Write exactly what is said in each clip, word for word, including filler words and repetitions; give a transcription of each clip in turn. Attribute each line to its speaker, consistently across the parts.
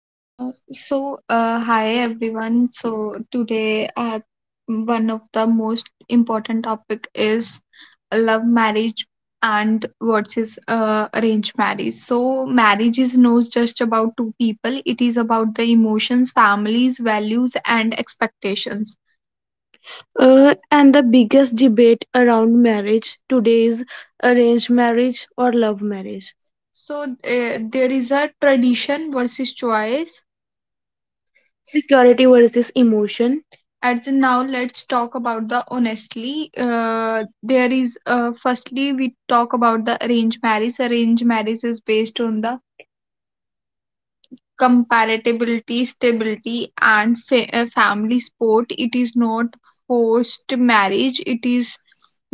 Speaker 1: Uh, so, uh, hi everyone. So today, uh, one of the most important topic is love marriage and versus uh, arranged marriage. So marriage is not just about two people; it is about the emotions, families, values, and expectations. Uh, and the biggest debate around marriage today is arranged marriage or love marriage. So uh, there is a tradition versus choice, security versus emotion. And so now let's talk about the honestly. Uh, there is uh, firstly we talk about the arranged marriage. Arranged marriage is based on the compatibility, stability, and fa- uh, family support. It is not forced marriage, it is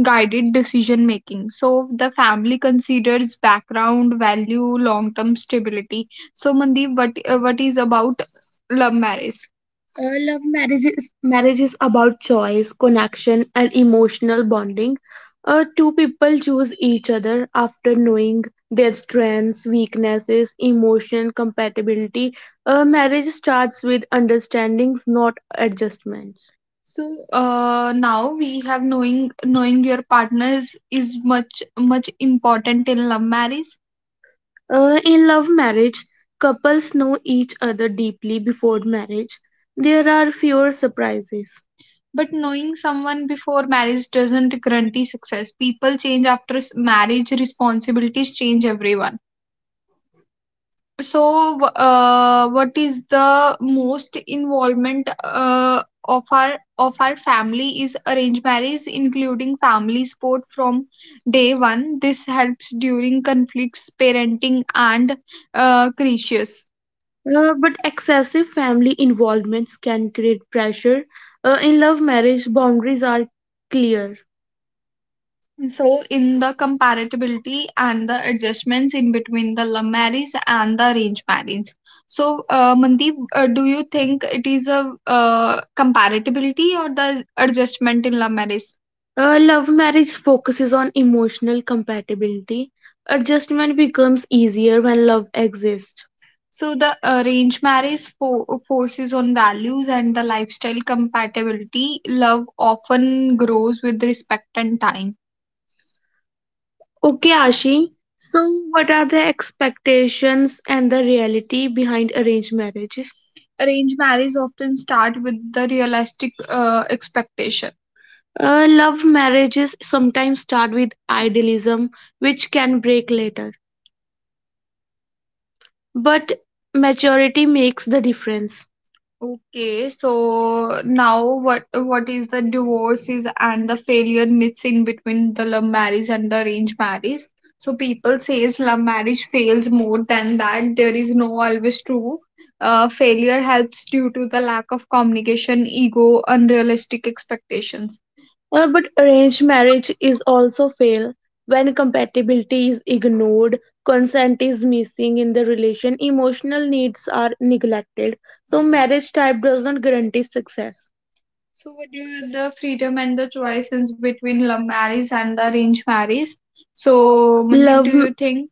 Speaker 1: guided decision making. So, the family considers background, value, long term stability. So, Mandeep, what, uh, what is about love marriage? Uh, love marriage is, marriage is about choice, connection, and emotional bonding. Uh, two people choose each other after knowing their strengths, weaknesses, emotion, compatibility. A marriage starts with understandings, not adjustments. So uh, now we have knowing knowing your partners is much much important in love marriage. Uh, in love marriage, couples know each other deeply before marriage. There are fewer surprises. But knowing someone before marriage doesn't guarantee success. People change after s- marriage. Responsibilities change everyone. So, wh- uh, what is the most involvement uh, of our of our family is arranged marriage, including family support from day one. This helps during conflicts, parenting, and uh, crises. Uh, but excessive family involvements can create pressure. Uh, in love marriage, boundaries are clear. So, in the compatibility and the adjustments in between the love marriage and the arranged marriage. So, uh, Mandeep, uh, do you think it is a uh, compatibility or the adjustment in love marriage? Uh, love marriage focuses on emotional compatibility. Adjustment becomes easier when love exists. So, the arranged marriage fo- forces on values and the lifestyle compatibility. Love often grows with respect and time. Okay, Ashi. So, what are the expectations and the reality behind arranged marriages? Arranged marriage often start with the realistic uh, expectation. Uh, love marriages sometimes start with idealism, which can break later. But maturity makes the difference. Okay, so now what what is the divorces and the failure myths in between the love marriage and the arranged marriage? So people says love marriage fails more than that. There is no always true. Uh, failure helps due to the lack of communication, ego, unrealistic expectations. Uh, but arranged marriage is also fail when compatibility is ignored, consent is missing in the relation, emotional needs are neglected. So marriage type does not guarantee success. So, what are the freedom and the choices between love marriage and the arranged marriage? So, Mandeep, love do you think?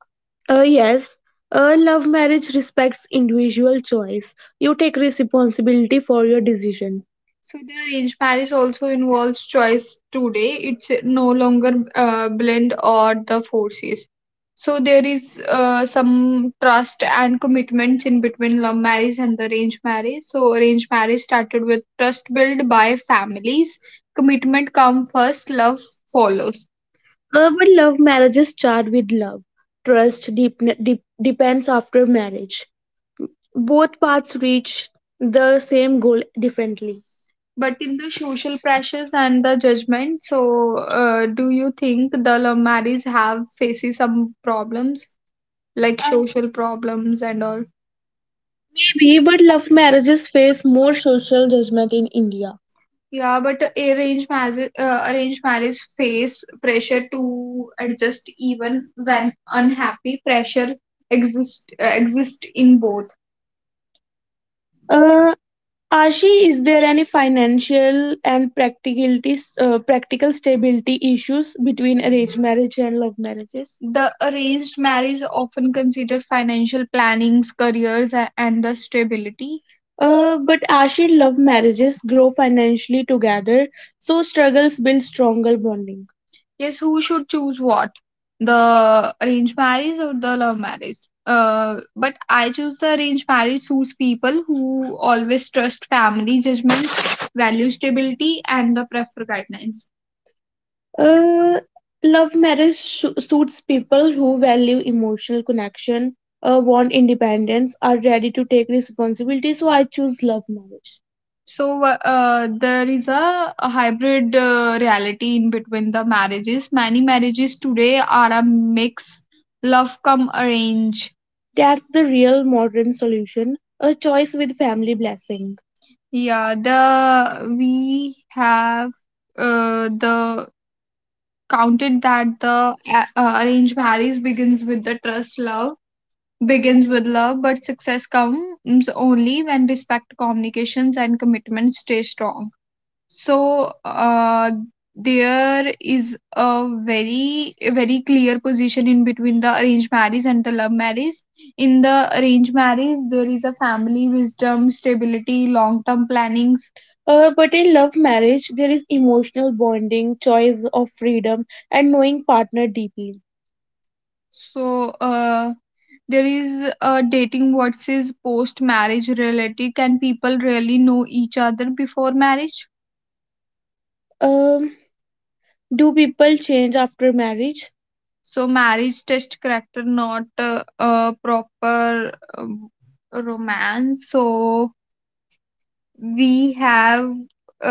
Speaker 1: Uh, yes, a love marriage respects individual choice. You take responsibility for your decision. So the arranged marriage also involves choice today. It's no longer uh, blend or the forces. So there is uh, some trust and commitments in between love marriage and the arranged marriage. So arranged marriage started with trust built by families. Commitment come first, love follows. Urban love marriages start with love. Trust deep, deep, depends after marriage. Both paths reach the same goal differently. But in the social pressures and the judgment, so uh, do you think the love marriage have faces some problems like Uh, social problems and all? Maybe, but love marriages face more social judgment in India. Yeah, but arranged marriage, uh, arranged marriage face pressure to adjust even when unhappy pressure exist uh, exist in both. Uh, Ashi, is there any financial and practicalities, uh, practical stability issues between arranged marriage and love marriages? The arranged marriage often consider financial plannings, careers, a- and the stability. Uh, but Ashi, love marriages grow financially together, so struggles build stronger bonding. Yes, who should choose what? The arranged marriage or the love marriage? Uh, but I choose the arranged marriage suits people who always trust family judgment, value stability, and the prefer guidelines. Uh, love marriage su- suits people who value emotional connection, uh, want independence, are ready to take responsibility. So I choose love marriage. So uh, there is a, a hybrid uh, reality in between the marriages. Many marriages today are a mix love come arrange. That's the real modern solution. A choice with family blessing. Yeah, the we have uh, the counted that the a- uh, arranged marriage begins with the trust love begins with love but success comes only when respect communications and commitment stay strong so, uh, there is a very, a very clear position in between the arranged marriage and the love marriage. In the arranged marriage, there is a family wisdom, stability, long-term plannings. Uh, but in love marriage, there is emotional bonding, choice of freedom, and knowing partner deeply. So, uh, there is a dating versus post-marriage reality. Can people really know each other before marriage? Um. Do people change after marriage? So marriage test character, not uh, a proper um, romance. So we have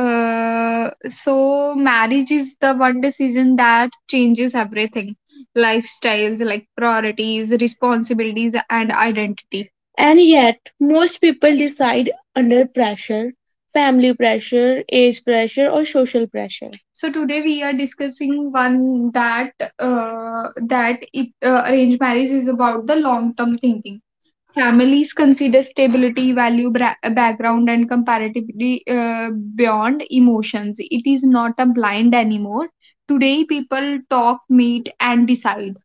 Speaker 1: uh so marriage is the one decision that changes everything lifestyles like priorities responsibilities and identity. And yet, most people decide under pressure family pressure, age pressure, or social pressure. So today we are discussing one that uh, that it, uh, arranged marriage is about the long term thinking. Families consider stability, value, bra- background, and comparatively uh, beyond emotions. It is not a blind anymore. Today, people talk, meet, and decide.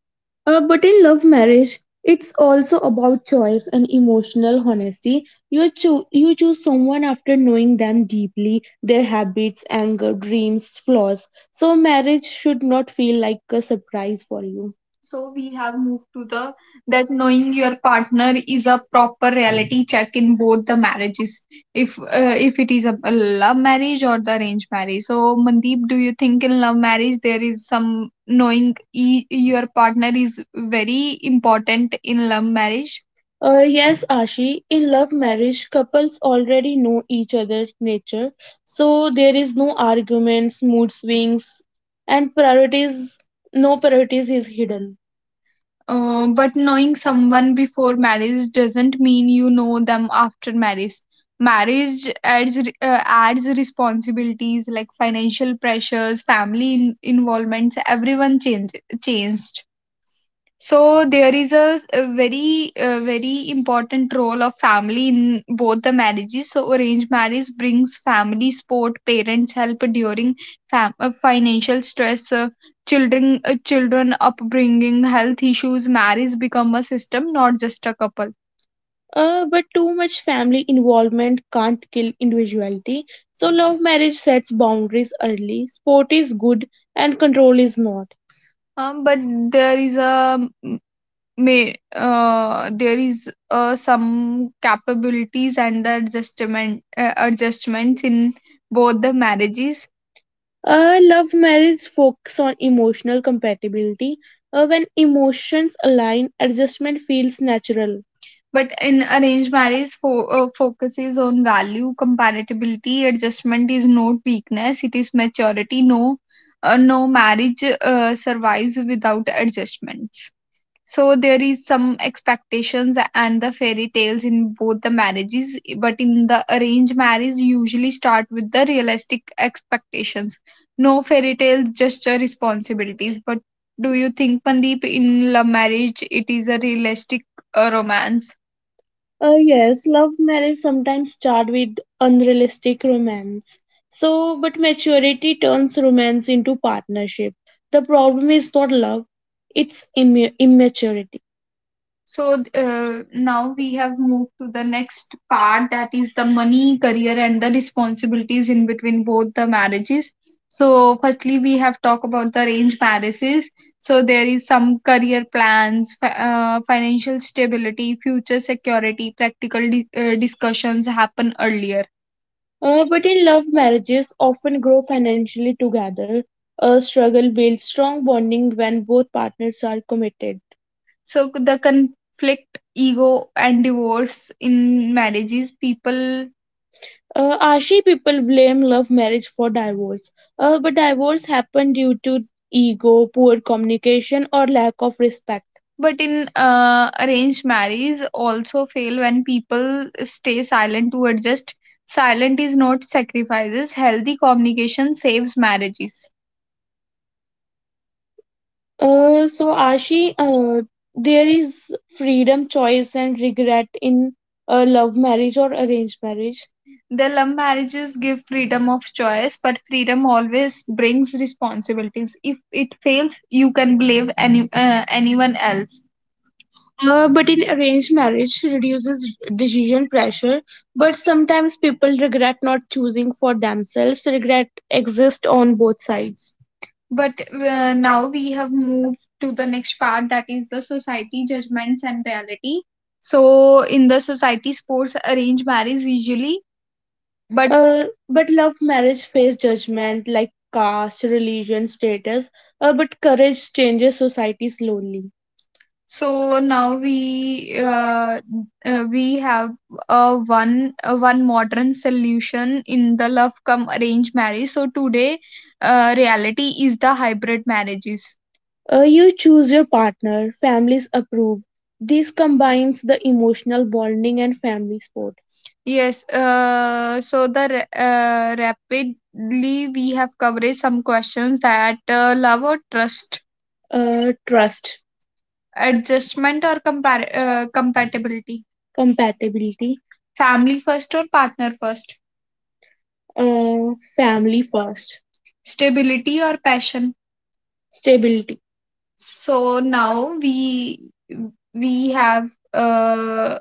Speaker 1: Uh, but in love marriage, it's also about choice and emotional honesty. You, cho- you choose someone after knowing them deeply, their habits, anger, dreams, flaws. So, marriage should not feel like a surprise for you. So we have moved to the that knowing your partner is a proper reality check in both the marriages. If uh, if it is a, a love marriage or the arranged marriage. So Mandeep, do you think in love marriage there is some knowing e- your partner is very important in love marriage? Uh, yes, Ashi, in love marriage, couples already know each other's nature, so there is no arguments, mood swings, and priorities, no priorities is hidden. Uh, but knowing someone before marriage doesn't mean you know them after marriage. Marriage adds re- uh, adds responsibilities like financial pressures, family in- involvements. Everyone changed changed. So there is a, s- a very uh, very important role of family in both the marriages. So arranged marriage brings family support, parents help during fam- uh, financial stress, uh, children uh, children upbringing, health issues. Marriage become a system, not just a couple. Uh, but too much family involvement can't kill individuality. So, love marriage sets boundaries early. Sport is good and control is not. Um, but there is a may uh, there is uh, some capabilities and the adjustment uh, adjustments in both the marriages. Uh, love marriage focus on emotional compatibility. Uh, when emotions align, adjustment feels natural. But in arranged marriage fo- uh, focuses on value compatibility adjustment is not weakness it is maturity no uh, no marriage uh, survives without adjustments so there is some expectations and the fairy tales in both the marriages but in the arranged marriage usually start with the realistic expectations no fairy tales just uh, responsibilities but do you think pandeep in love marriage it is a realistic uh, romance. Uh, yes, love marriage sometimes start with unrealistic romance. So, but maturity turns romance into partnership. The problem is not love, it's immu- immaturity. So uh, now we have moved to the next part that is the money, career, and the responsibilities in between both the marriages. So, firstly, we have talked about the arranged marriages. So, there is some career plans, fi- uh, financial stability, future security, practical di- uh, discussions happen earlier. Uh, but in love, marriages often grow financially together. A struggle builds strong bonding when both partners are committed. So c- the conflict, ego, and divorce in marriages, people. Uh, Ashi people blame love marriage for divorce, uh, but divorce happened due to ego, poor communication, or lack of respect. But in uh, arranged marriage, also fail when people stay silent to adjust. Silent is not sacrifices. Healthy communication saves marriages. Uh, so Ashi, uh, there is freedom, choice, and regret in a love marriage or arranged marriage. The love marriages give freedom of choice, but freedom always brings responsibilities. If it fails, you can blame any uh, anyone else. Uh, but in arranged marriage reduces decision pressure. But sometimes people regret not choosing for themselves. Regret exists on both sides but uh, now we have moved to the next part that is the society judgments and reality so in the society sports arrange marriage usually but Uh, but love marriage face judgment like caste, religion, status. Uh, but courage changes society slowly. So now we uh, uh, we have a one a one modern solution in the love come arranged marriage. So today, uh, reality is the hybrid marriages. Uh, you choose your partner, families approve. This combines the emotional bonding and family support. Yes. Uh, so the ra- uh, rapidly we have covered some questions that uh, love or trust. Uh, trust. Adjustment or compar- uh, compatibility? Compatibility. Family first or partner first? Uh, family first. Stability or passion? Stability. So now we we have uh,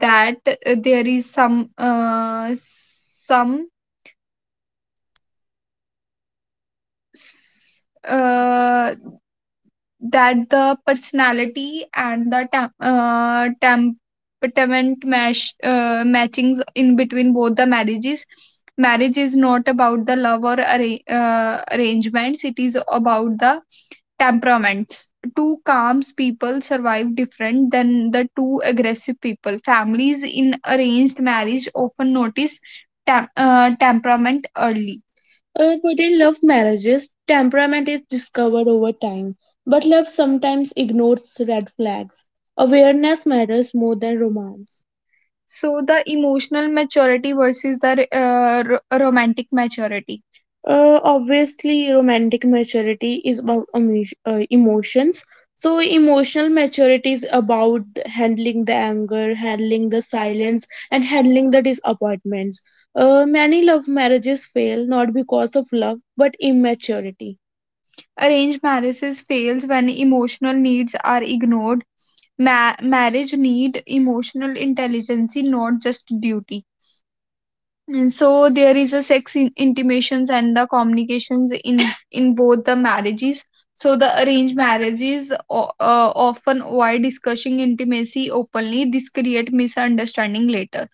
Speaker 1: that uh, there is some uh, some s- uh, that the personality and the tam- uh, temperament mash, uh, matchings in between both the marriages. Marriage is not about the love or arra- uh, arrangements, it is about the temperaments. Two calm people survive different than the two aggressive people. Families in arranged marriage often notice tem- uh, temperament early. Uh, within love marriages, temperament is discovered over time, but love sometimes ignores red flags. Awareness matters more than romance. So the emotional maturity versus the uh, ro- romantic maturity. Uh, obviously, romantic maturity is about emo- uh, emotions. So, emotional maturity is about handling the anger, handling the silence, and handling the disappointments. Uh, many love marriages fail not because of love but immaturity. Arranged marriages fails when emotional needs are ignored. Ma- marriage need emotional intelligence, not just duty. And so there is a sex in- intimations and the communications in in both the marriages. So the arranged marriages o- uh, often avoid discussing intimacy openly. This create misunderstanding later.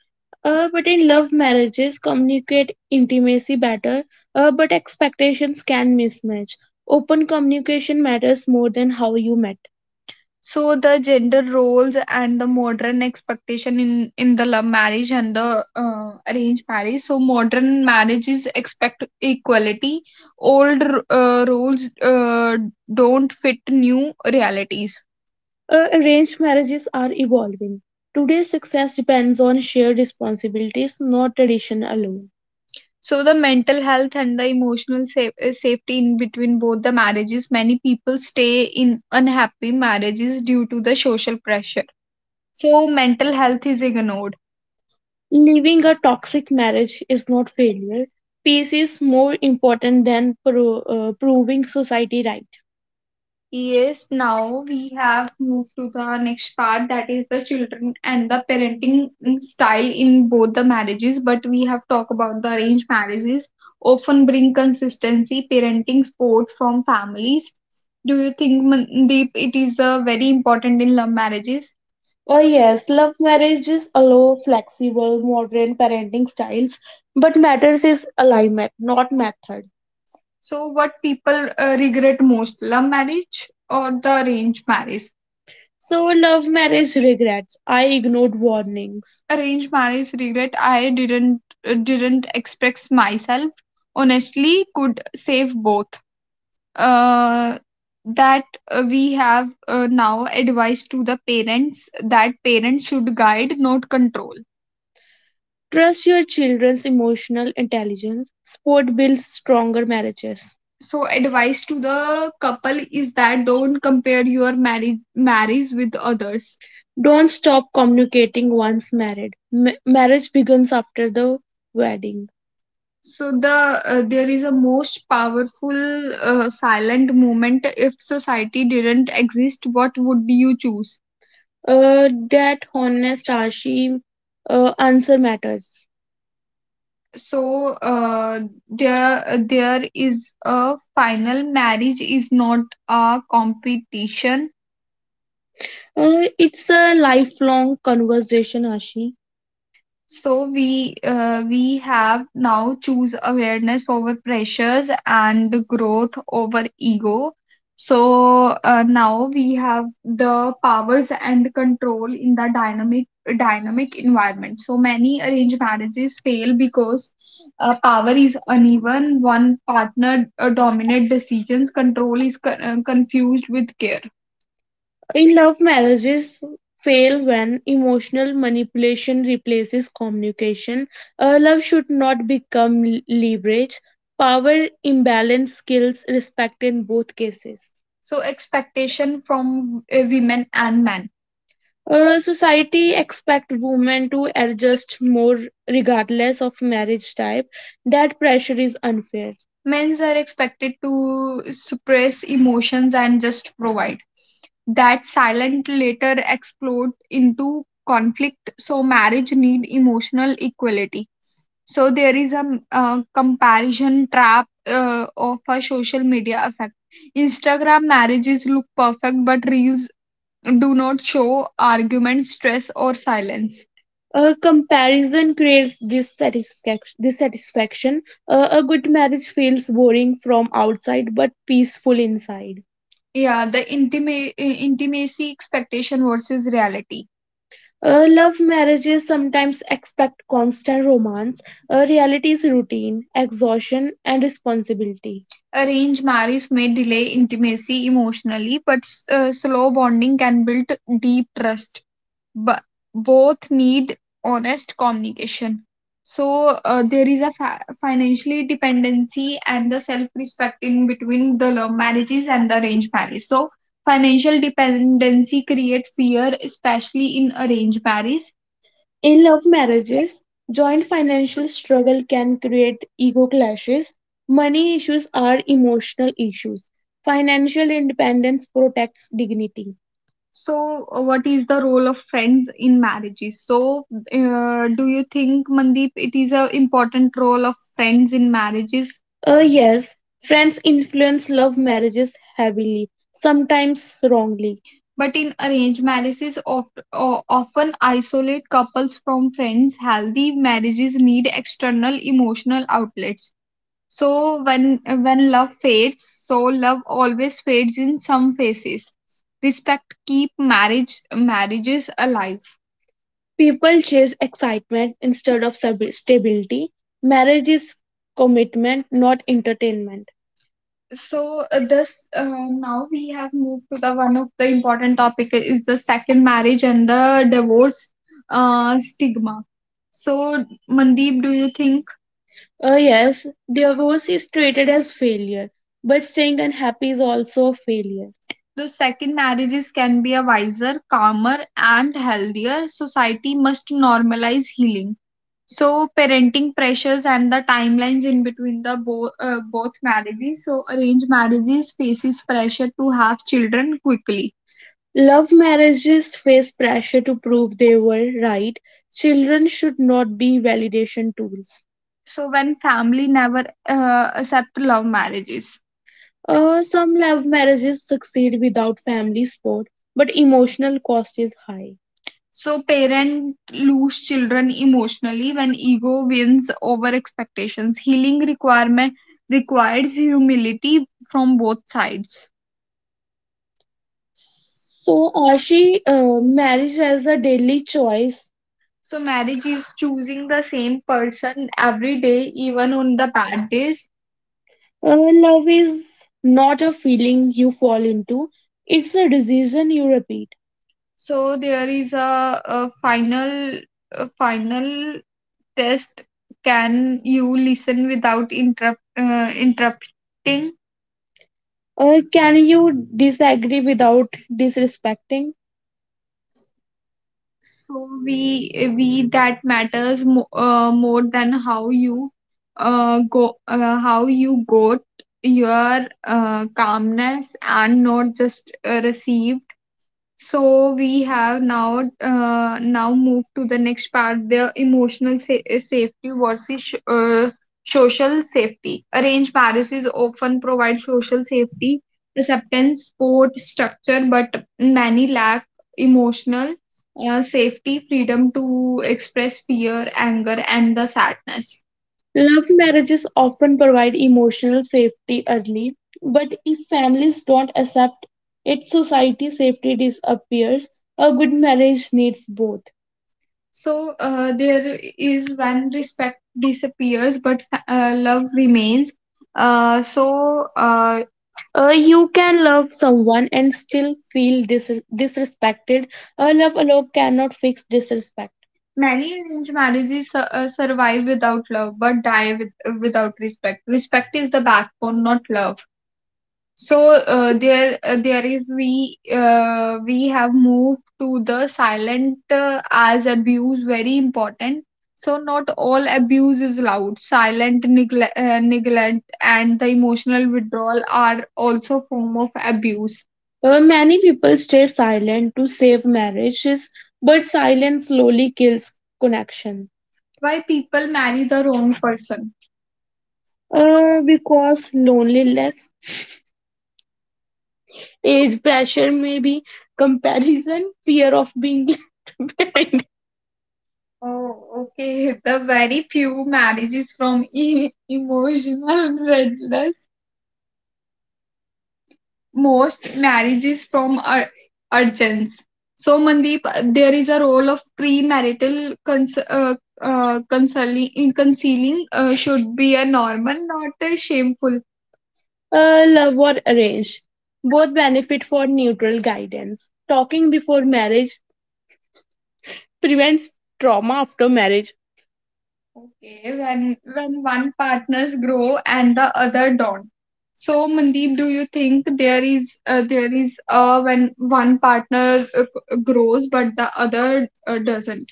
Speaker 1: Uh, but in love marriages, communicate intimacy better, uh, but expectations can mismatch. Open communication matters more than how you met. So the gender roles and the modern expectation in in the love marriage and the uh, arranged marriage. So modern marriages expect equality. Old uh, roles uh, don't fit new realities. Uh, arranged marriages are evolving. Today's success depends on shared responsibilities, not tradition alone. So the mental health and the emotional sa- uh, safety in between both the marriages. Many people stay in unhappy marriages due to the social pressure. So mental health is ignored. Leaving a toxic marriage is not failure. Peace is more important than pro- uh, proving society right. Yes, now we have moved to the next part, that is the children and the parenting style in both the marriages. But we have talked about the arranged marriages often bring consistency, parenting support from families. Do you think, Mandeep, it is uh, very important in love marriages? Oh yes, love marriages allow flexible, modern parenting styles, but matters is alignment, not method. So, what people uh, regret most, love marriage or the arranged marriage? So, love marriage regrets: I ignored warnings. Arranged marriage regret: I didn't uh, didn't express myself. Honestly, could save both. Uh, that uh, we have uh, now advice to the parents, that parents should guide, not control. Trust your children's emotional intelligence. Sport builds stronger marriages. So, advice to the couple is that don't compare your marriage marriage with others. Don't stop communicating once married. Ma- marriage begins after the wedding. So the uh, there is a most powerful uh, silent movement. If society didn't exist, what would you choose? Uh, that honest, ashy uh, answer matters. so uh, there uh, there is a final: marriage is not a competition. Uh, it's a lifelong conversation, Ashi. So we uh, we have now choose awareness over pressures and growth over ego. So uh, now we have the powers and control in the dynamic dynamic environment. So many arranged marriages fail because uh, power is uneven. One partner uh, dominate decisions. Control is con- uh, confused with care. In love, marriages fail when emotional manipulation replaces communication. Uh, love should not become l- leverage. Power imbalance kills respect in both cases. So expectation from uh, women and men. Uh, society expect women to adjust more regardless of marriage type. That pressure is unfair. Men are expected to suppress emotions and just provide. That silent later explode into conflict. So marriage need emotional equality. So there is a uh, comparison trap uh, of a social media effect. Instagram marriages look perfect, but reels do not show argument, stress, or silence. A comparison creates dissatisfaction. dissatisfaction. Uh, a good marriage feels boring from outside but peaceful inside. Yeah, the intima- intimacy expectation versus reality. Uh, love marriages sometimes expect constant romance. Uh, reality is routine, exhaustion, and responsibility. Arranged marriage may delay intimacy emotionally, but uh, slow bonding can build deep trust, but both need honest communication. So uh, there is a fa- financially dependency and the self-respect in between the love marriages and the arranged marriage. So financial dependency create fear, especially in arranged marriage. In love marriages, joint financial struggle can create ego clashes. Money issues are emotional issues. Financial independence protects dignity. So, uh, what is the role of friends in marriages? So, uh, do you think, Mandeep, it is a important role of friends in marriages? Uh, yes, friends influence love marriages heavily, sometimes wrongly. But in arranged marriages, oft, o- often isolate couples from friends. Healthy marriages need external emotional outlets. So when when love fades, so love always fades in some faces. Respect keep marriage marriages alive. People chase excitement instead of stabi- stability. Marriage is commitment, not entertainment. So uh, this uh, now we have moved to the one of the important topic uh, is the second marriage and the divorce uh, stigma. So Mandeep, do you think? Uh, yes, divorce is treated as failure, but staying unhappy is also a failure. Though second marriages can be a wiser, calmer, and healthier, society must normalize healing. So, parenting pressures and the timelines in between the bo- uh, both marriages. So, arranged marriages faces pressure to have children quickly. Love marriages face pressure to prove they were right. Children should not be validation tools. So when family never uh, accept love marriages. Uh, some love marriages succeed without family support, but emotional cost is high. So parent lose children emotionally when ego wins over expectations. Healing requirement requires humility from both sides. So, Ashi, uh, marriage as a daily choice. So marriage is choosing the same person every day, even on the bad days. Uh, love is not a feeling you fall into, it's a decision you repeat. So there is a, a final a final test. Can you listen without interrupt uh, interrupting? Uh, can you disagree without disrespecting? So we we that matters mo- uh, more than how you uh, go uh, how you got your uh, calmness and not just uh, receive. So we have now uh, now moved to the next part, the emotional sa- uh, safety versus sh- uh, social safety. Arranged marriages often provide social safety, acceptance, support, structure, but many lack emotional uh, safety, freedom to express fear, anger, and the sadness. Love marriages often provide emotional safety early, but if families don't accept it, society safety disappears. A good marriage needs both. So uh, there is when respect disappears, but fa- uh, love remains. Uh, so uh, uh, you can love someone and still feel dis- disrespected. Uh, love alone cannot fix disrespect. Many arranged marriages su- uh, survive without love but die with, without respect. Respect is the backbone, not love. So uh, there, uh, there is we uh, we have moved to the silent uh, as abuse, very important. So not all abuse is loud. Silent neglect, uh, neglect, and the emotional withdrawal are also form of abuse. Uh, many people stay silent to save marriages, but silence slowly kills connection. Why people marry the wrong person? Uh, because loneliness, age pressure, maybe comparison, fear of being left behind. Oh, okay. The very few marriages from e- emotional redness. Most marriages from ur- urgence. So, Mandeep, there is a role of premarital cons- uh, uh, consoling, concealing, uh, should be a normal, not a shameful. Uh, love or arrange. Both benefit for neutral guidance. Talking before marriage prevents trauma after marriage. Okay, when when one partners grow and the other don't. So Mandeep, do you think there is uh, there is uh, when one partner uh, grows but the other uh, doesn't?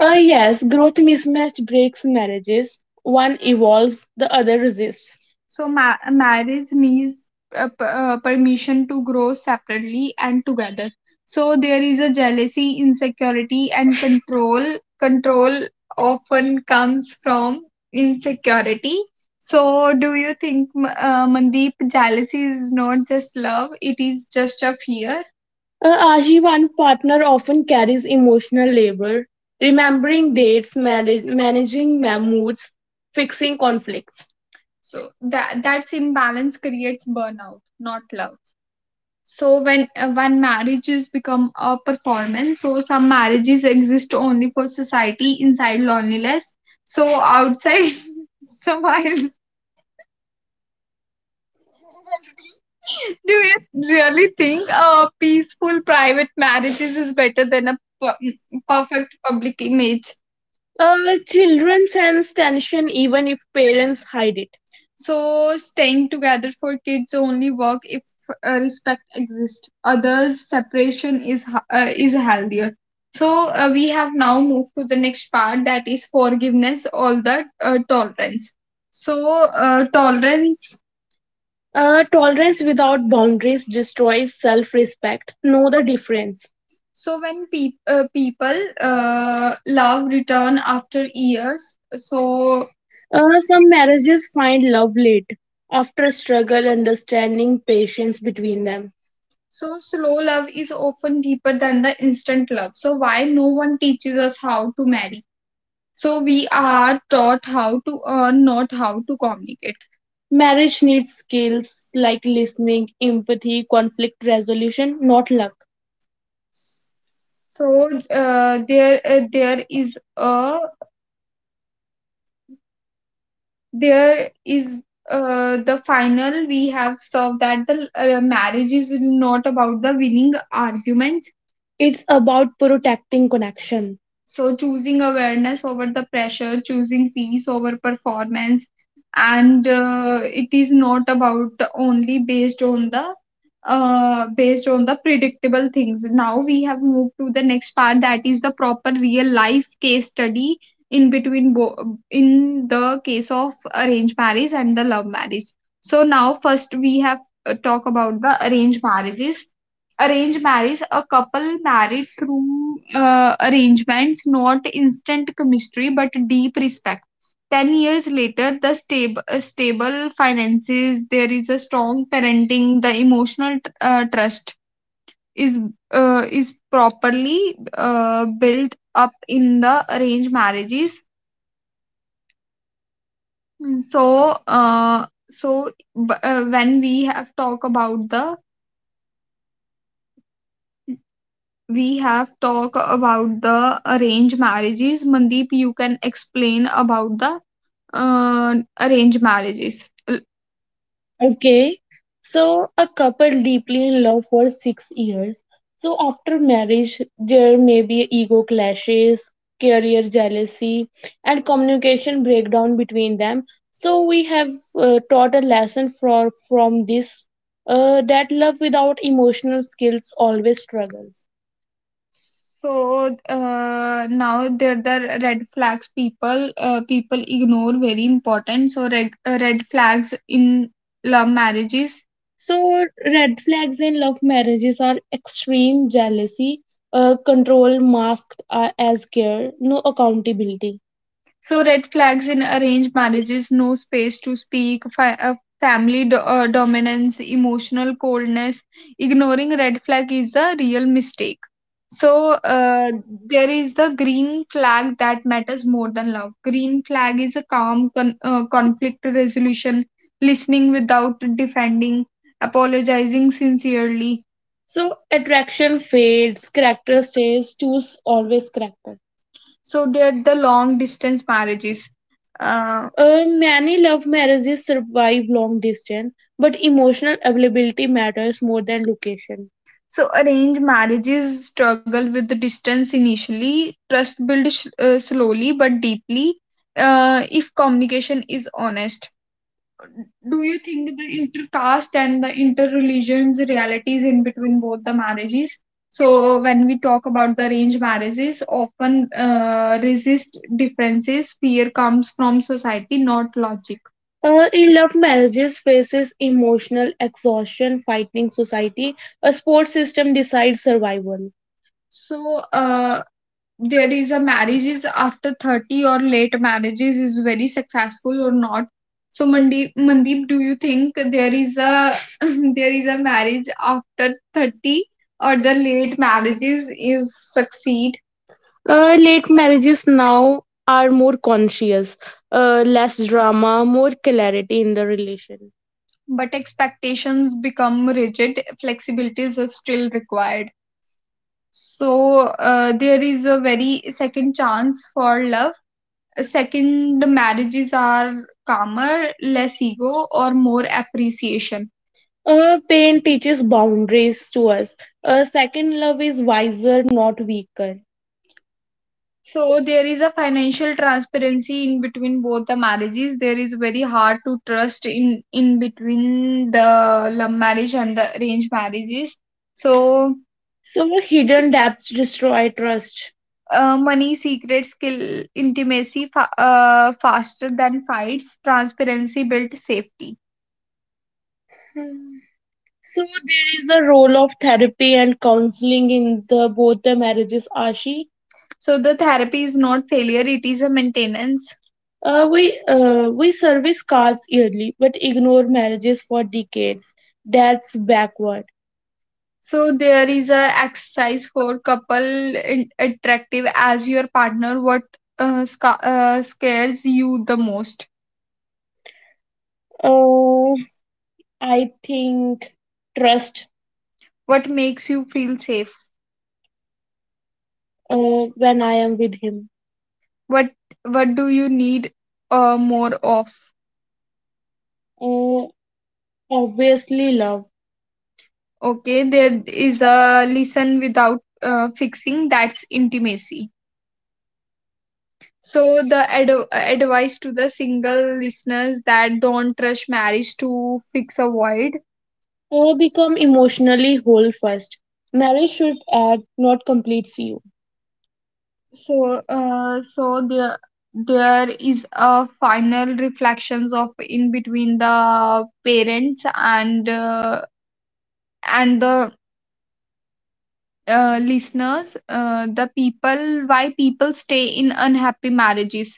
Speaker 1: Uh, yes, growth mismatch breaks marriages. One evolves, the other resists. So ma- marriage needs uh, p- uh, permission to grow separately and together. So there is a jealousy, insecurity, and control. Control often comes from insecurity. So do you think, M- uh, Mandeep, jealousy is not just love; it is just a fear? An one partner often carries emotional labor, remembering dates, manage, managing ma- moods, fixing conflicts. So that that's imbalance creates burnout, not love. So when uh, when marriages become a performance, so some marriages exist only for society inside loneliness. So outside, so do you really think a peaceful private marriages is better than a pu- perfect public image? Uh, children sense tension even if parents hide it. So staying together for kids only work if uh, respect exists. Others separation is ha- uh, is healthier. So uh, we have now moved to the next part, that is forgiveness, all the uh, tolerance. So uh, tolerance uh, tolerance without boundaries destroys self respect. Know the difference. So when pe uh, people uh, love return after years. So Uh, some marriages find love late after struggle, understanding, patience between them. So slow love is often deeper than the instant love. So why no one teaches us how to marry? So we are taught how to earn, not how to communicate. Marriage needs skills like listening, empathy, conflict resolution, not luck. So uh, there uh, there is a there is uh, the final we have served that the uh, marriage is not about the winning argument. It's about protecting connection. So, choosing awareness over the pressure, choosing peace over performance, and uh, it is not about only based on the uh, based on the predictable things. Now we have moved to the next part that is the proper real life case study in between bo- in the case of arranged marriage and the love marriage. So now first we have uh, talk about the arranged marriages. Arranged marriage, a couple married through uh, arrangements, not instant chemistry but deep respect. ten years later, the stab- uh, stable finances, there is a strong parenting, the emotional tr- uh, trust is uh, is properly uh, built up in the arranged marriages. So, uh, so b- uh, when we have talk about the we have talked about the arranged marriages. Mandeep, you can explain about the uh, arranged marriages. L- Okay, so a couple deeply in love for six years. So after marriage, there may be ego clashes, career jealousy, and communication breakdown between them. So we have uh, taught a lesson for, from this uh, that love without emotional skills always struggles. So uh, now there the red flags people uh, people ignore very important. So red uh, red flags in love marriages. So, red flags in love marriages are extreme jealousy, uh, control masked uh, as care, no accountability. So, red flags in arranged marriages, no space to speak, fi- uh, family do- uh, dominance, emotional coldness. Ignoring red flag is a real mistake. So, uh, there is the green flag that matters more than love. Green flag is a calm con- uh, conflict resolution, listening without defending, apologizing sincerely. So attraction fades, character stays, choose always character. So they're the long distance marriages. Uh, Uh, many love marriages survive long distance, but emotional availability matters more than location. So arranged marriages struggle with the distance initially. Trust builds uh, slowly but deeply uh, if communication is honest. Do you think the intercaste and the interreligions realities in between both the marriages? So when we talk about the arranged marriages, often uh, resist differences, fear comes from society, not logic. Uh, in love marriages faces emotional exhaustion fighting society, a sports system decides survival. So uh, there is a marriages after thirty or late marriages is very successful or not. So Mandeep, mandeep do you think there is a there is a marriage after thirty or the late marriages is succeed? Uh, late marriages now are more conscious, uh, less drama, more clarity in the relation. But expectations become rigid, flexibilities are still required. So uh, there is a very second chance for love. Second, the marriages are calmer, less ego, or more appreciation. Uh, pain teaches boundaries to us. Uh, second love is wiser, not weaker. So there is a financial transparency in between both the marriages. There is very hard to trust in in between the love marriage and the arranged marriages. So So hidden debts destroy trust. Uh, money, secret skill, intimacy fa- uh, faster than fights. Transparency built safety. Hmm. So there is a role of therapy and counseling in the both the marriages, Ashi. So the therapy is not failure, it is a maintenance. Uh, we uh, we service cars yearly, but ignore marriages for decades. That's backward. So there is a exercise for couple, in- attractive as your partner. What uh, sca- uh, scares you the most? Uh, I think trust. What makes you feel safe? Uh, when I am with him. What what do you need uh, more of? Uh, Obviously, love. Okay, there is a listen without uh, fixing, that's intimacy. So the ad- advice to the single listeners, that don't rush marriage to fix a void. Uh, become emotionally whole first. Marriage should add, not complete you. so uh, so there there is a final reflections of in between the parents and uh, and the uh, listeners, uh, the people, why people stay in unhappy marriages?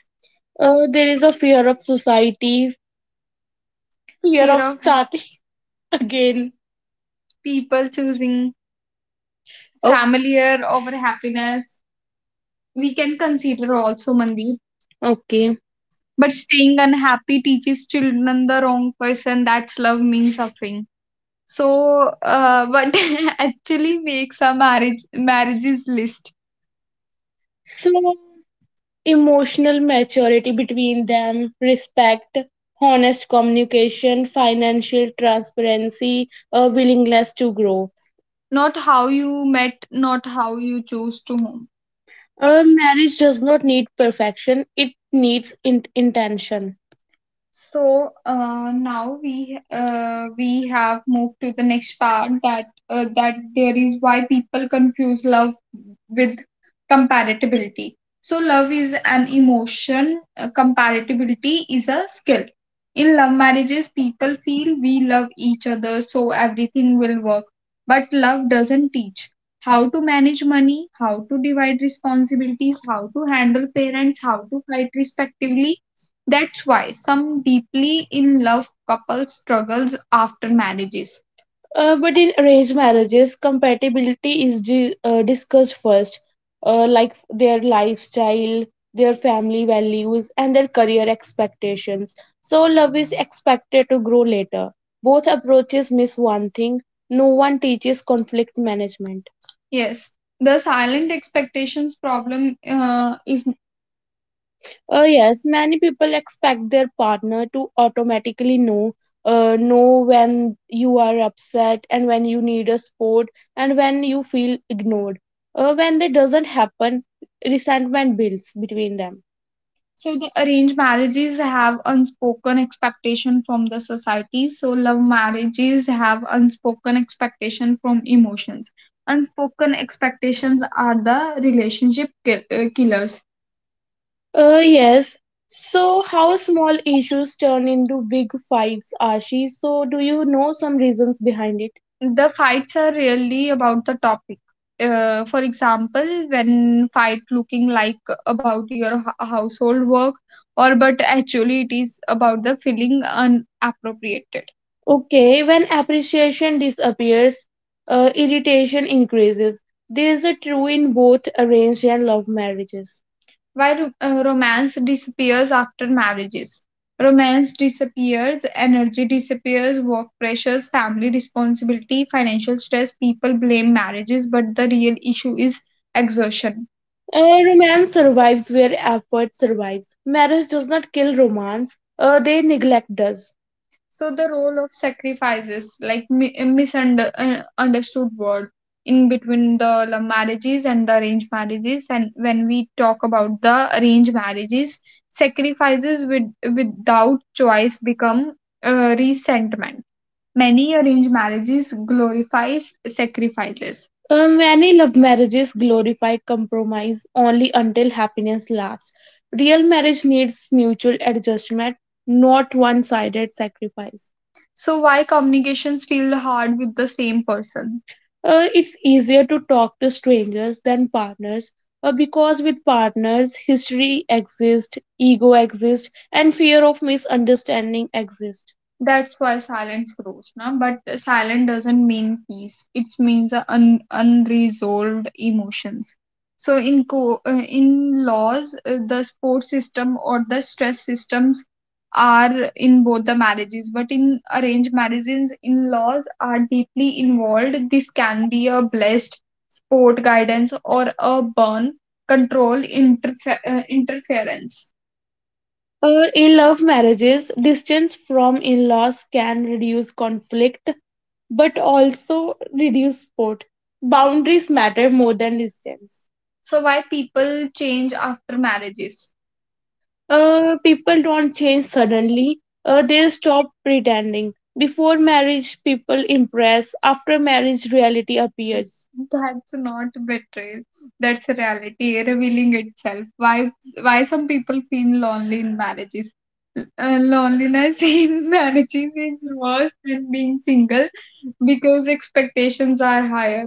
Speaker 1: Uh, there is a fear of society, fear fear of of starting again. People choosing, oh, familiar over happiness, we can consider also, Mandeep. Okay. But staying unhappy teaches children the wrong person, that's love means suffering. So uh, what actually makes a marriage marriages list? So emotional maturity between them, respect, honest communication, financial transparency, a willingness to grow. Not how you met, not how you chose to home. A marriage does not need perfection, it needs in- intention. So uh, now we uh, we have moved to the next part, that uh, that there is why people confuse love with compatibility. So love is an emotion, uh, compatibility is a skill. In love marriages, people feel we love each other, so everything will work. But love doesn't teach how to manage money, how to divide responsibilities, how to handle parents, how to fight respectively. That's why some deeply in love couples struggles after marriages. Uh, but in arranged marriages, compatibility is di- uh, discussed first, uh, like their lifestyle, their family values, and their career expectations. So, love is expected to grow later. Both approaches miss one thing, no one teaches conflict management. Yes, the silent expectations problem uh, is, uh, yes, many people expect their partner to automatically know uh, know when you are upset and when you need a support and when you feel ignored. Uh, when that doesn't happen, resentment builds between them. So the arranged marriages have unspoken expectation from the society. So love marriages have unspoken expectation from emotions. Unspoken expectations are the relationship ki- uh, killers. Uh, yes. So, how small issues turn into big fights, Ashi? So, do you know some reasons behind it? The fights are really about the topic. Uh, for example, when fight looking like about your h- household work, or but actually it is about the feeling unappropriated. Okay, when appreciation disappears, uh, irritation increases. There is a true in both arranged and love marriages. Why ro- uh, romance disappears after marriages? Romance disappears, energy disappears, work pressures, family responsibility, financial stress. People blame marriages, but the real issue is exhaustion. Uh, romance survives where effort survives. Marriage does not kill romance, uh, they neglect us. So the role of sacrifices, like mi- a misunderstood word in between the love marriages and the arranged marriages, and when we talk about the arranged marriages, sacrifices with without choice become uh, resentment. Many arranged marriages glorifies sacrifices. Uh, many love marriages glorify compromise only until happiness lasts. Real marriage needs mutual adjustment, not one sided sacrifice. So why communications feel hard with the same person? Uh, it's easier to talk to strangers than partners uh, because with partners, history exists, ego exists, and fear of misunderstanding exists. That's why silence grows, na? But silent doesn't mean peace. It means a un- unresolved emotions. So in co- uh, in laws, uh, the support system or the stress systems are in both the marriages. But in arranged marriages, in laws are deeply involved. This can be a blessed support guidance or a burn control interfe- uh, interference. Uh, in love marriages, distance from in laws can reduce conflict but also reduce support. Boundaries matter more than distance. So why people change after marriages? Uh, people don't change suddenly. Uh, they stop pretending. Before marriage, people impress. After marriage, reality appears. That's not betrayal. That's reality revealing itself. Why why some people feel lonely in marriages? Uh, loneliness in marriages is worse than being single because expectations are higher.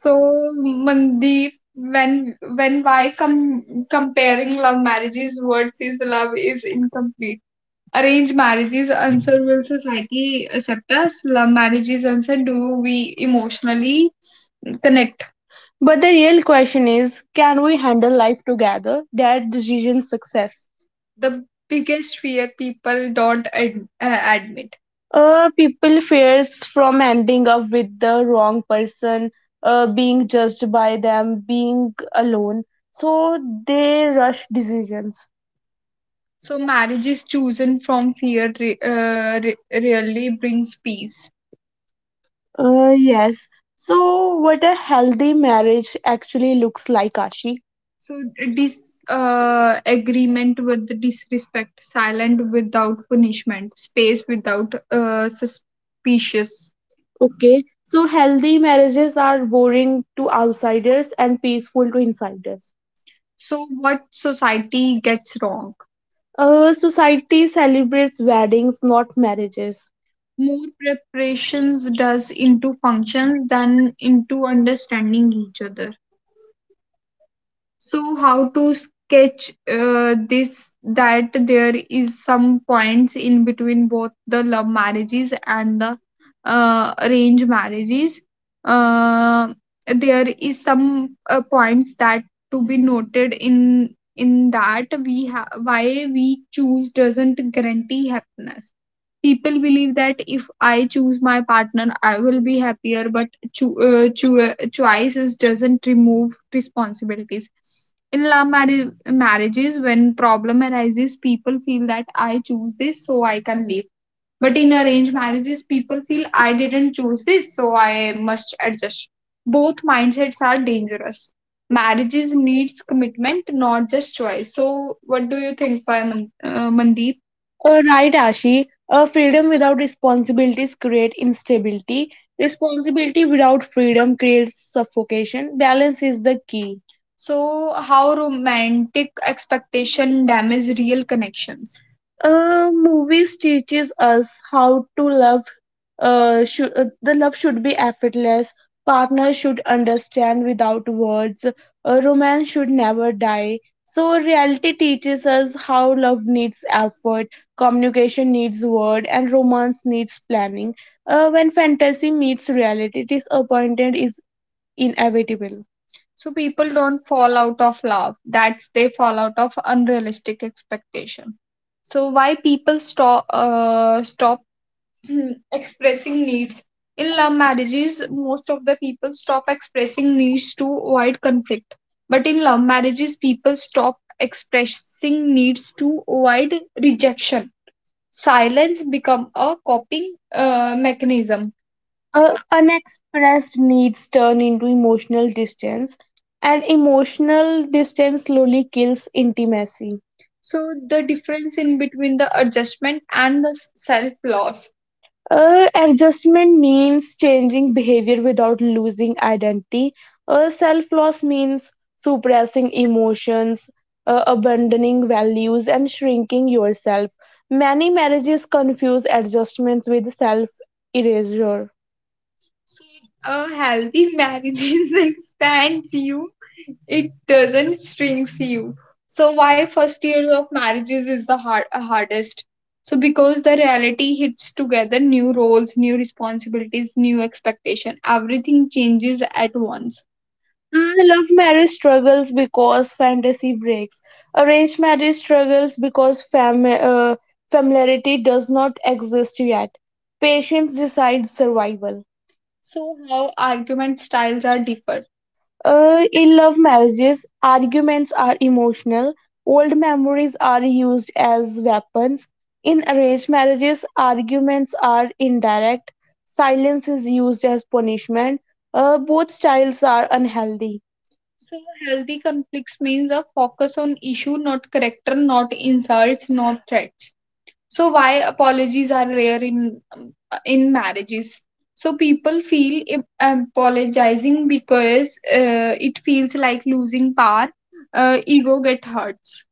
Speaker 1: So, Mandeep, when when why com- comparing love marriages versus love is incomplete. Arranged marriages answer, will society accept us? Love marriages answer, do we emotionally connect? But the real question is, can we handle life together? That decision success. The biggest fear people don't ad- uh, admit. Uh, people fears from ending up with the wrong person, uh, being judged by them, being alone. So they rush decisions. So marriage is chosen from fear re- uh, re- really brings peace. Uh, yes. So, what a healthy marriage actually looks like, Ashi? So dis uh, agreement with the disrespect, silent without punishment, space without uh, suspicious. Okay. So, healthy marriages are boring to outsiders and peaceful to insiders. So what society gets wrong? Uh, society celebrates weddings, not marriages. More preparations does into functions than into understanding each other. So how to sketch uh, this that there is some points in between both the love marriages and the uh, arranged marriages. Uh, there is some uh, points that to be noted in in that we ha- why we choose doesn't guarantee happiness. People believe that if I choose my partner I will be happier, but cho- uh, cho- uh, choice is doesn't remove responsibilities in love marri- marriages. When problem arises, people feel that I choose this, so I can live. But in arranged marriages, people feel I didn't choose this, so I must adjust. Both mindsets are dangerous. Marriages needs commitment, not just choice. So, what do you think, by Man- uh, Mandeep? Uh, right, Ashi. Uh, freedom without responsibilities create instability. Responsibility without freedom creates suffocation. Balance is the key. So, how romantic expectation damage real connections? Uh, movies teaches us how to love. Uh, should uh, The love should be effortless. Partners should understand without words. Uh, romance should never die. So reality teaches us how love needs effort, communication needs word, and romance needs planning. Uh, when fantasy meets reality, disappointment is inevitable. So people don't fall out of love, that's they fall out of unrealistic expectation. So why people stop uh, stop expressing needs in love marriages? Most of the people stop expressing needs to avoid conflict. But in love marriages, people stop expressing needs to avoid rejection. Silence become a coping uh, mechanism. Uh, unexpressed needs turn into emotional distance, and emotional distance slowly kills intimacy. So, the difference in between the adjustment and the self loss. Uh, adjustment means changing behavior without losing identity. Uh, Self loss means suppressing emotions, uh, abandoning values, and shrinking yourself. Many marriages confuse adjustments with self erasure. A healthy marriage expands you, it doesn't shrinks you. So why first year of marriages is the hard, uh, hardest? So because the reality hits together: new roles, new responsibilities, new expectation, everything changes at once. Mm, love marriage struggles because fantasy breaks. Arranged marriage struggles because fam- uh, familiarity does not exist yet. Patience decides survival. So, how argument styles are different. Uh, in love marriages, arguments are emotional. Old memories are used as weapons. In arranged marriages, arguments are indirect. Silence is used as punishment. Uh, both styles are unhealthy. So, healthy conflicts means a focus on issue, not character, not insults, not threats. So why apologies are rare in um, in marriages? So people feel im- apologizing because uh, it feels like losing power, uh, ego get hurts.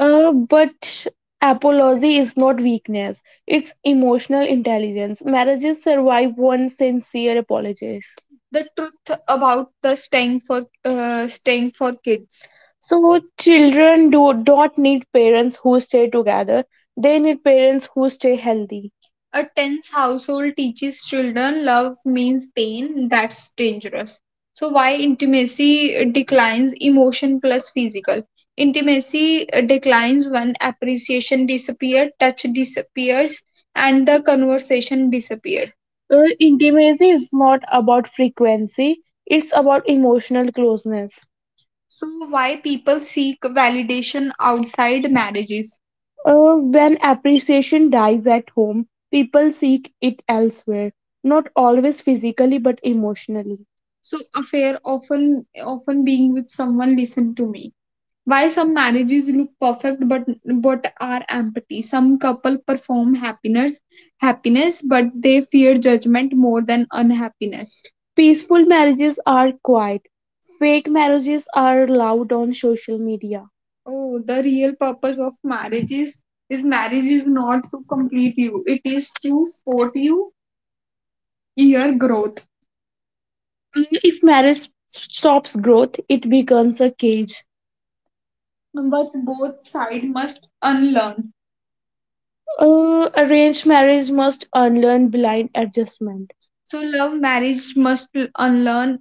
Speaker 1: Uh, but apology is not weakness, it's emotional intelligence. Marriages survive one sincere apologies. The truth about the staying for uh, staying for kids. So, children do not need parents who stay together, they need parents who stay healthy. A tense household teaches children love means pain. That's dangerous. So why intimacy declines emotion plus physical. Intimacy uh, declines when appreciation disappears, touch disappears, and the conversation disappears. Uh, intimacy is not about frequency, it's about emotional closeness. So, why people seek validation outside marriages? Uh, when appreciation dies at home, people seek it elsewhere, not always physically but emotionally. So, affair often often being with someone. Listen to me. Why some marriages look perfect but but are empty. Some couple perform happiness happiness but they fear judgment more than unhappiness. Peaceful marriages are quiet. Fake marriages are loud on social media. Oh, the real purpose of marriage is is marriage is not to complete you. It is to support you your growth. If marriage stops growth, it becomes a cage. But both side must unlearn. Uh, arranged marriage must unlearn blind adjustment. So love marriage must unlearn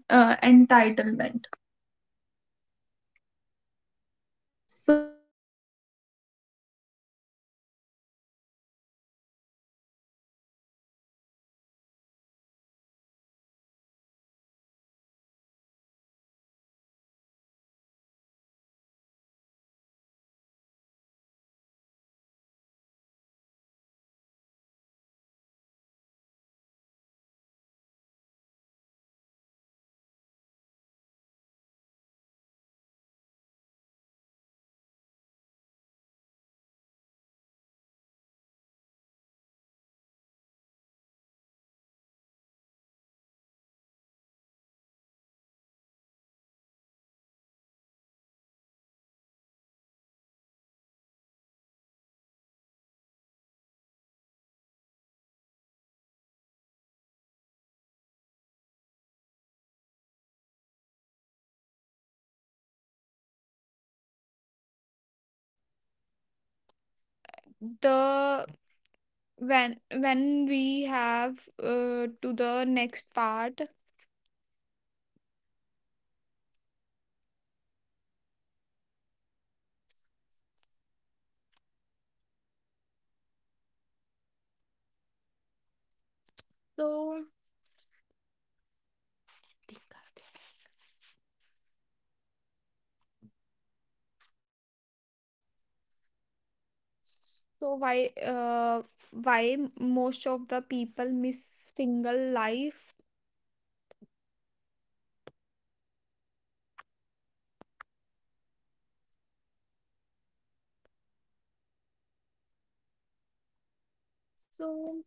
Speaker 2: The when when we have uh, to the next part, so so why uh, why most of the people miss single life? So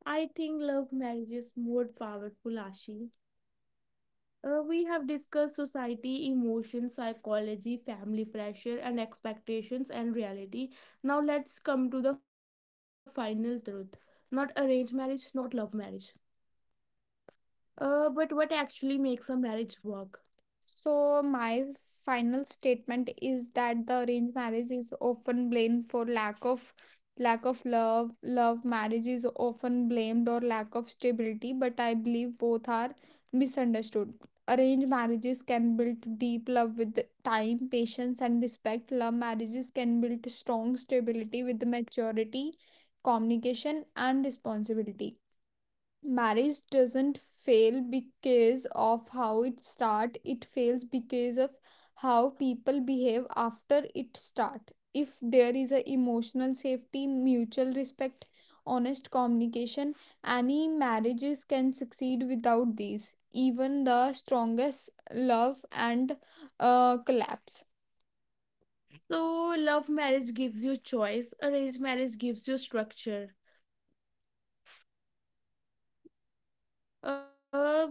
Speaker 2: I think love marriage is more powerful, Ashi. Uh, we have discussed society, emotions, psychology, family pressure, and expectations and reality. Now let's come to the final truth. Not arranged marriage, not love marriage. Uh, but what actually makes a marriage work? So, my final statement is that the arranged marriage is often blamed for lack of lack of love. Love marriage is often blamed or lack of stability, but I believe both are misunderstood. Arranged marriages can build deep love with time, patience, and respect. Love marriages can build strong stability with maturity, communication, and responsibility. Marriage doesn't fail because of how it start. It fails because of how people behave after it start. If there is a emotional safety, mutual respect, honest communication, any marriages can succeed. Without these, even the strongest love and uh, collapse. So, love marriage gives you choice, arranged marriage gives you structure. Uh,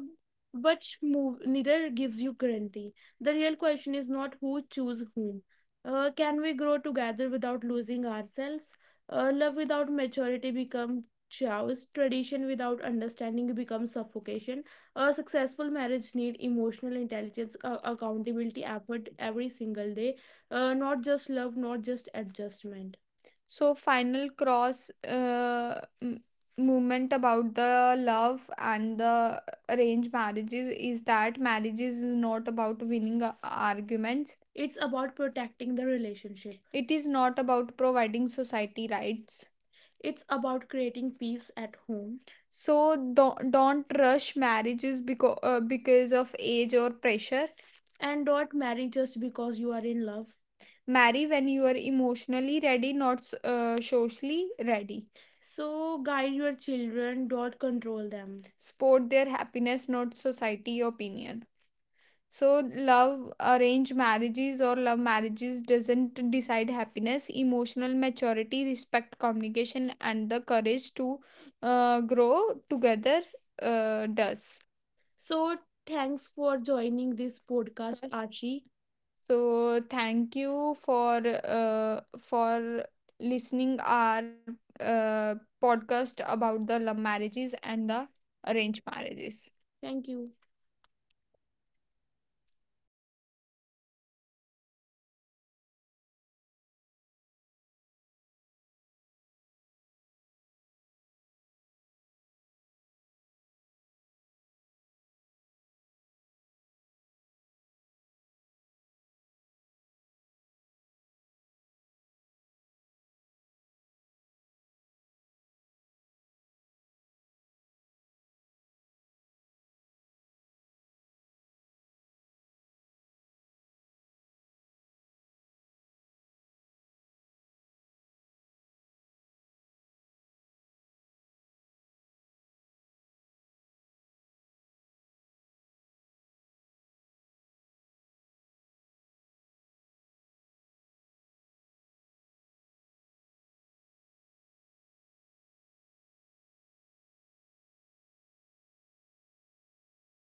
Speaker 2: but move neither gives you guarantee. The real question is not who choose whom. Uh, can we grow together without losing ourselves? Uh, love without maturity becomes chaos. Tradition without understanding becomes suffocation. A successful marriage need emotional intelligence, uh, accountability, effort every single day. Uh, not just love, not just adjustment. So final cross uh, movement about the love and the arranged marriages is that marriage is not about winning a- arguments. It's about protecting the relationship. It is not about providing society rights. It's about creating peace at home. So don't, don't rush marriages because, uh, because of age or pressure. And don't marry just because you are in love. Marry when you are emotionally ready, not s- uh, socially ready. So guide your children, don't control them. Support their happiness, not society opinion. So, love arranged marriages or love marriages doesn't decide happiness. Emotional maturity, respect, communication, and the courage to uh, grow together uh, does. So thanks for joining this podcast, Archie. So thank you for uh, for listening our uh, podcast about the love marriages and the arranged marriages. Thank you.